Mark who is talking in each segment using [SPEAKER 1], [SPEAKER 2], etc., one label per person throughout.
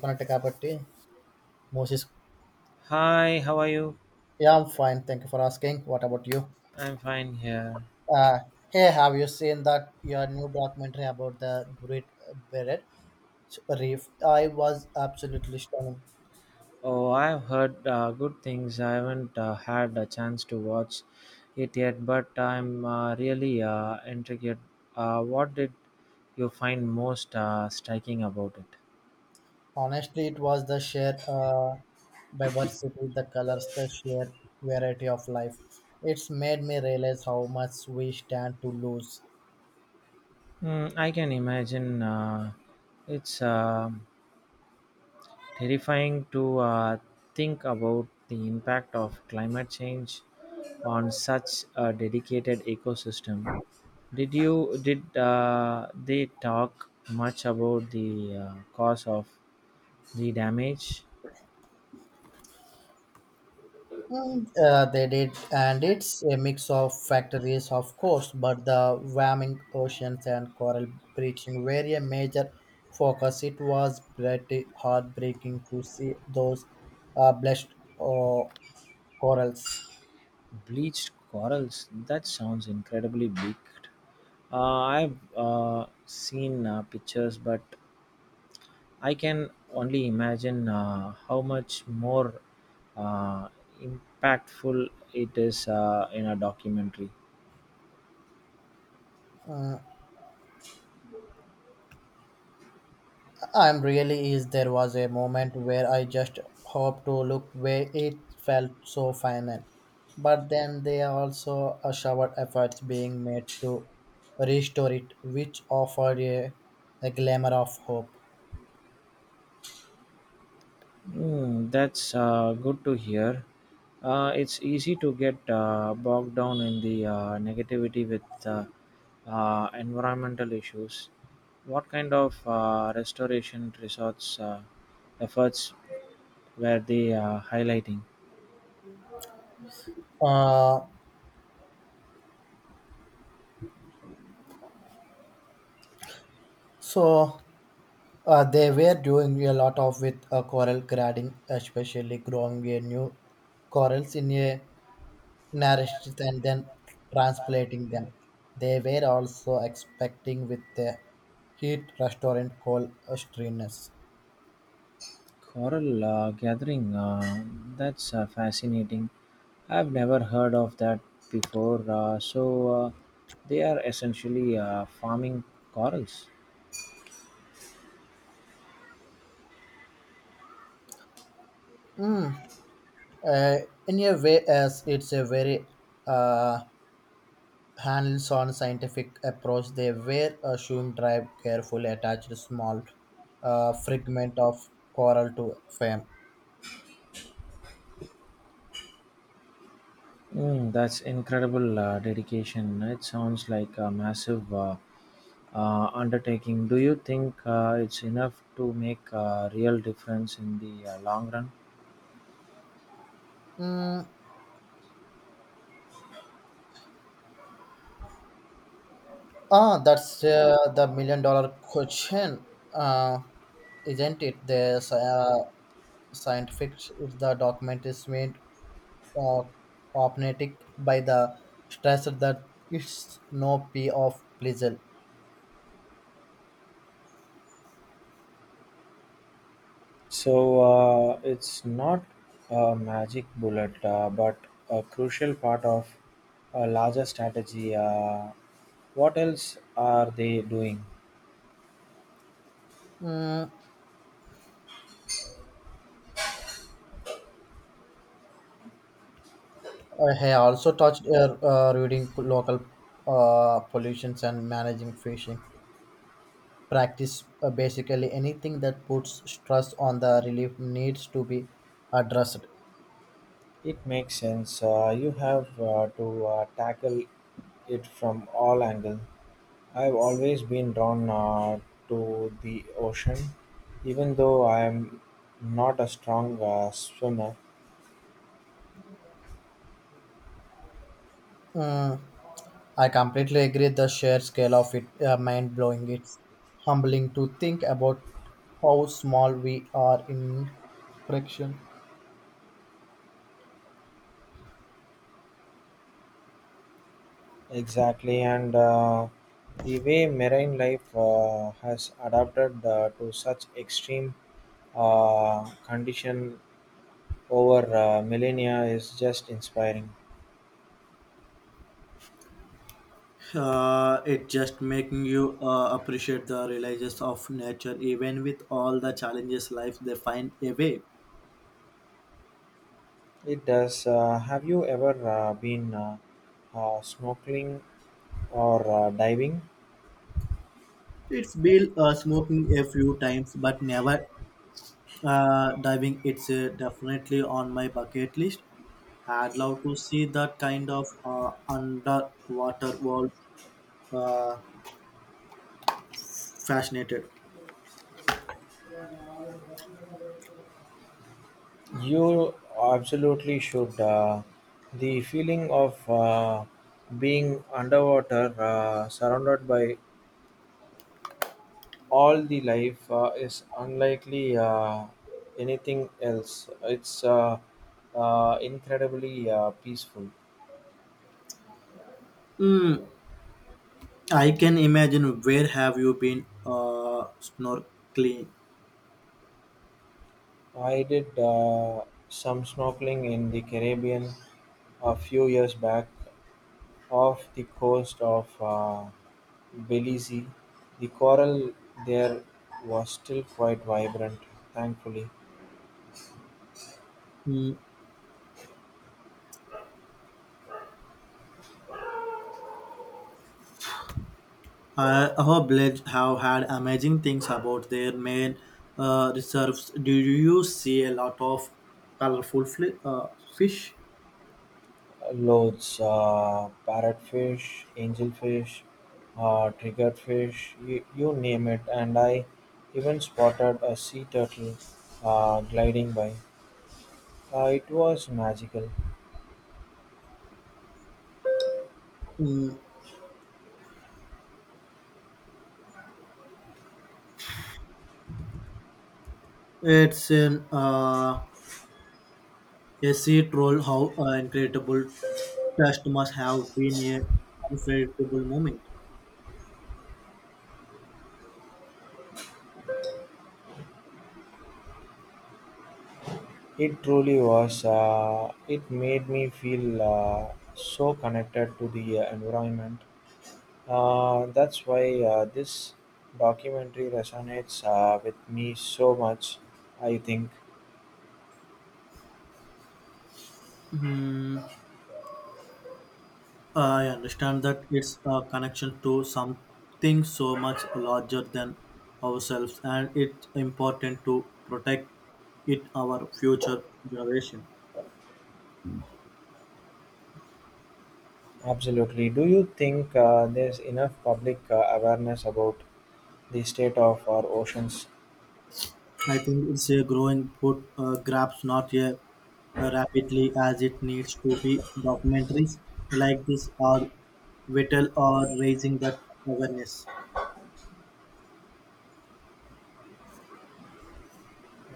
[SPEAKER 1] కొన్నట్టు కాబట్టి Moses.
[SPEAKER 2] Hi, how are you?
[SPEAKER 1] Yeah, I'm fine. Thank you for asking. What about you?
[SPEAKER 2] I'm fine here.
[SPEAKER 1] Uh, Hey, have you seen that your new documentary about the Great Barrier Reef? I was absolutely stunning.
[SPEAKER 2] Oh, I've heard good things. I haven't had a chance to watch it yet, but I'm really intrigued. What did you find most striking about it?
[SPEAKER 1] Honestly, it was the sheer diversity, the colors, the sheer variety of life. It's made me realize how much we stand to lose.
[SPEAKER 2] I can imagine it's terrifying to think about the impact of climate change on such a dedicated ecosystem. Did they talk much about the cause of the damage?
[SPEAKER 1] Mm, they did, and it's a mix of factories, of course, but the warming oceans and coral bleaching were a major focus. It was pretty heartbreaking to see those bleached uh, corals.
[SPEAKER 2] Bleached corals. That sounds incredibly bleak. Uh, I've seen pictures, but I can only imagine how much more uh, impactful it is in a documentary.
[SPEAKER 1] Uh, I'm really is there was a moment where I just hoped to look where it felt so final. But then there also a showered efforts being made to restore it, which offered a glamour of hope.
[SPEAKER 2] That's good to hear. It's easy to get bogged down in the negativity with environmental issues. What kind of restoration resorts efforts were they highlighting?
[SPEAKER 1] Uh, so they were doing a lot of with coral grading, especially growing a new corals in a nourished and then transplanting them. They were also expecting with the heat restaurant called Austrianus.
[SPEAKER 2] Coral gathering, that's fascinating. I've never heard of that before. Uh, they are essentially farming corals.
[SPEAKER 1] Mm. Uh, in a way, as it's a very uh, hands-on scientific approach, they were assumed drive carefully attached small fragment of coral to fame.
[SPEAKER 2] That's incredible dedication. It sounds like a massive undertaking. Do you think it's enough to make a real difference in the long run?
[SPEAKER 1] Mm, ah, that's the million-dollar question, uh, isn't it? There's scientific if the document is made uh, opnetic by the stress that it's no p of pleasure.
[SPEAKER 2] So it's not a magic bullet, but a crucial part of a larger strategy. What else are they doing?
[SPEAKER 1] Mm, I have also touched reading local pollutions and managing fishing. Practice basically anything that puts stress on the relief needs to be addressed.
[SPEAKER 2] It makes sense. You have to tackle it from all angles. I've always been drawn to the ocean, even though I'm not a strong swimmer.
[SPEAKER 1] Mm, I completely agree. The sheer scale of it mind blowing. It's humbling to think about how small we are in fraction.
[SPEAKER 2] Exactly, and the way marine life has adapted to such extreme condition over millennia is just inspiring.
[SPEAKER 1] It just making you appreciate the realities of nature even with all the challenges life they find a way
[SPEAKER 2] It does. Have you ever been snorkeling or diving?
[SPEAKER 1] it's been smoking a few times but never diving it's definitely on my bucket list I'd love to see that kind of underwater world uh, Fascinated.
[SPEAKER 2] You absolutely should. The feeling of being underwater, surrounded by all the life is unlikely anything else. It's incredibly peaceful.
[SPEAKER 1] Mm, I can imagine. Where have you been snorkeling?
[SPEAKER 2] I did some snorkeling in the Caribbean a few years back off the coast of Belize. The coral there was still quite vibrant, thankfully.
[SPEAKER 1] Mm, I hope Blades have had amazing things about their main reserves. Do you see a lot of colorful fish?
[SPEAKER 2] Loads: parrotfish, angelfish, triggerfish, you name it. And I even spotted a sea turtle gliding by. It was magical.
[SPEAKER 1] Mm, it's an a sea troll. How incredible! Test must have been a unforgettable moment.
[SPEAKER 2] It truly was. It made me feel so connected to the environment. That's why this documentary resonates with me so much, I think.
[SPEAKER 1] Hmm. I understand that it's a connection to something so much larger than ourselves, and it's important to protect it our future generation.
[SPEAKER 2] Absolutely. Do you think there's enough public awareness about the state of our oceans?
[SPEAKER 1] I think it's a growing put grabs not a rapidly as it needs to be. Documentaries like this are vital or raising that awareness.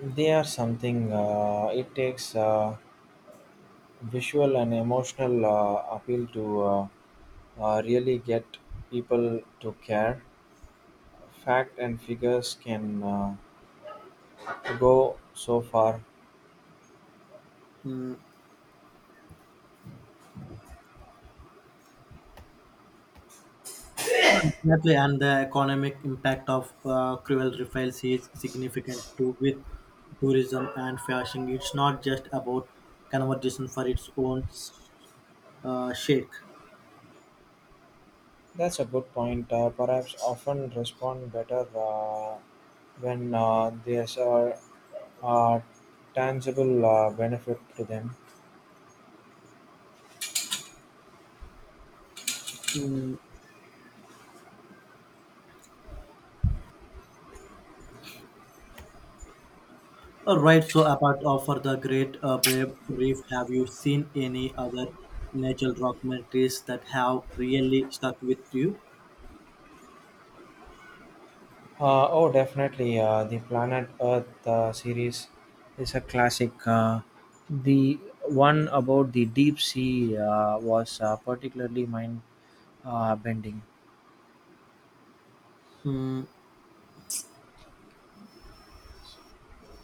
[SPEAKER 2] They are something, it takes visual and emotional appeal to really get people to care. Fact and figures can go so far.
[SPEAKER 1] Mm. Exactly, and the economic impact of cruel refills is significant too with tourism and fishing. It's not just about conversation for its own sake.
[SPEAKER 2] That's a good point. Perhaps often respond better when there's a tangible benefit to them.
[SPEAKER 1] All right, so apart of the Great Brave Reef, have you seen any other natural documentaries that have really stuck with you?
[SPEAKER 2] Oh, definitely. The Planet Earth series is a classic. The one about the deep sea was particularly mind bending.
[SPEAKER 1] Mm,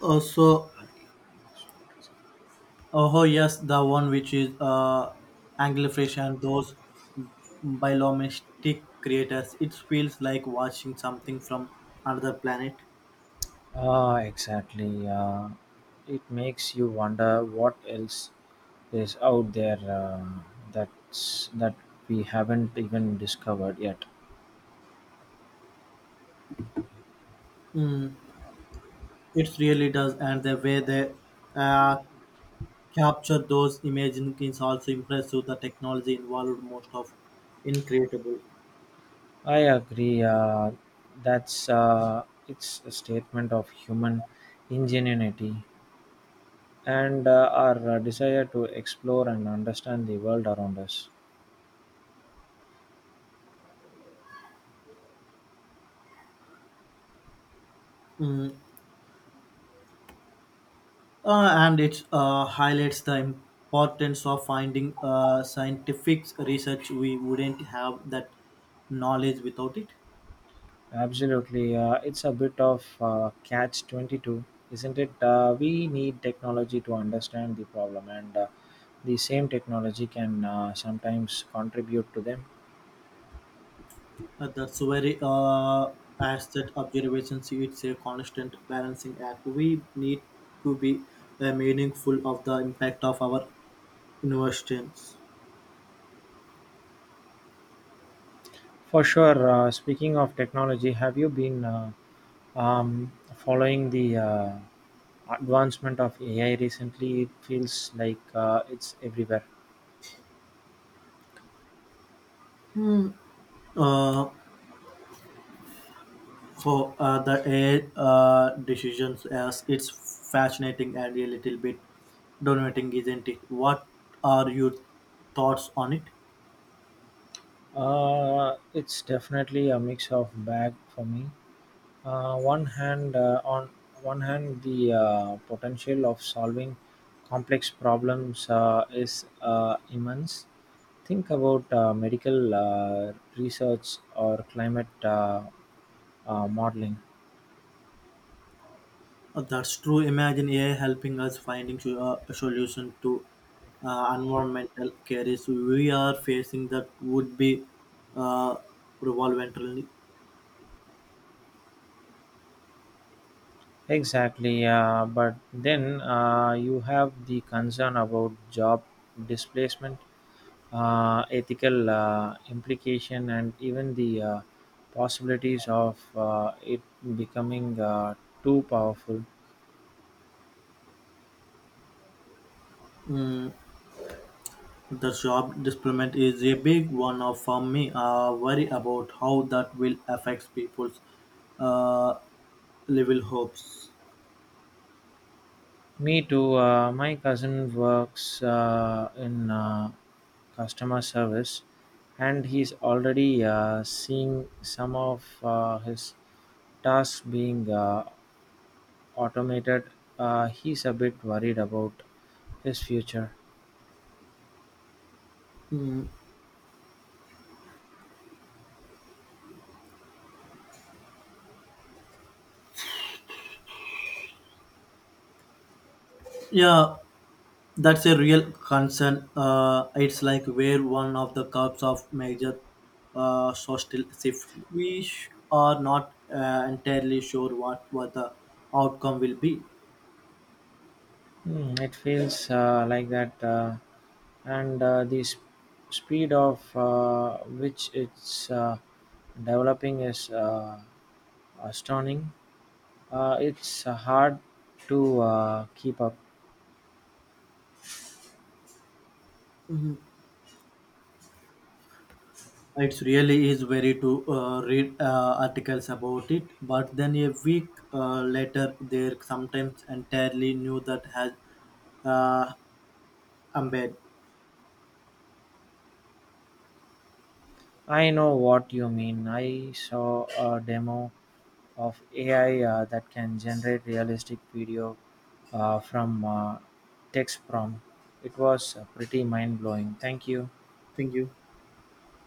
[SPEAKER 1] also, oh yes, the one which is anglerfish and those bioluminescent creators. It feels like watching something from another planet.
[SPEAKER 2] Ah, exactly. It makes you wonder what else is out there that we haven't even discovered yet.
[SPEAKER 1] Mm, it really does, and the way they uh, capture those images is also impressive. The technology involved most of incredible.
[SPEAKER 2] I agree. That's it's a statement of human ingenuity and our desire to explore and understand the world around us.
[SPEAKER 1] Mm, and it highlights the importance of finding scientific research. We wouldn't have that knowledge without it.
[SPEAKER 2] Absolutely, it's a bit of catch 22, isn't it? We need technology to understand the problem, and the same technology can sometimes contribute to them.
[SPEAKER 1] That's very asset observations. It's a constant balancing act. We need to be meaningful of the impact of our investments.
[SPEAKER 2] For sure, speaking of technology, have you been following the advancement of AI recently? It feels like it's everywhere.
[SPEAKER 1] Uh, the AI decisions as it's fascinating and a little bit dominating, isn't it? What are your thoughts on it?
[SPEAKER 2] It's definitely a mix of bag for me. On one hand, the potential of solving complex problems is immense. Think about medical research or climate modeling.
[SPEAKER 1] That's true. Imagine AI helping us finding a solution to environmental cases we are facing that would be uh, environmentally.
[SPEAKER 2] Exactly, but then you have the concern about job displacement ethical implication, and even the possibilities of it becoming too powerful.
[SPEAKER 1] Mm, the job deployment is a big for me. I worry about how that will affect people's uh, level hopes.
[SPEAKER 2] Me too. My cousin works in customer service, and he's already seeing some of his tasks being automated. He's a bit worried about his future.
[SPEAKER 1] Mm, yeah, that's a real concern. It's like where one of the curbs of major social shift. Are not entirely sure what the outcome will be.
[SPEAKER 2] It feels like that, and speed of which it's developing is astounding. It's hard to keep up.
[SPEAKER 1] It really is very to read articles about it, but then a week later, they're sometimes entirely new that has uh, embed.
[SPEAKER 2] I know what you mean. I saw a demo of AI that can generate realistic video from text prompt. It was pretty mind blowing. Thank you.
[SPEAKER 1] Thank you.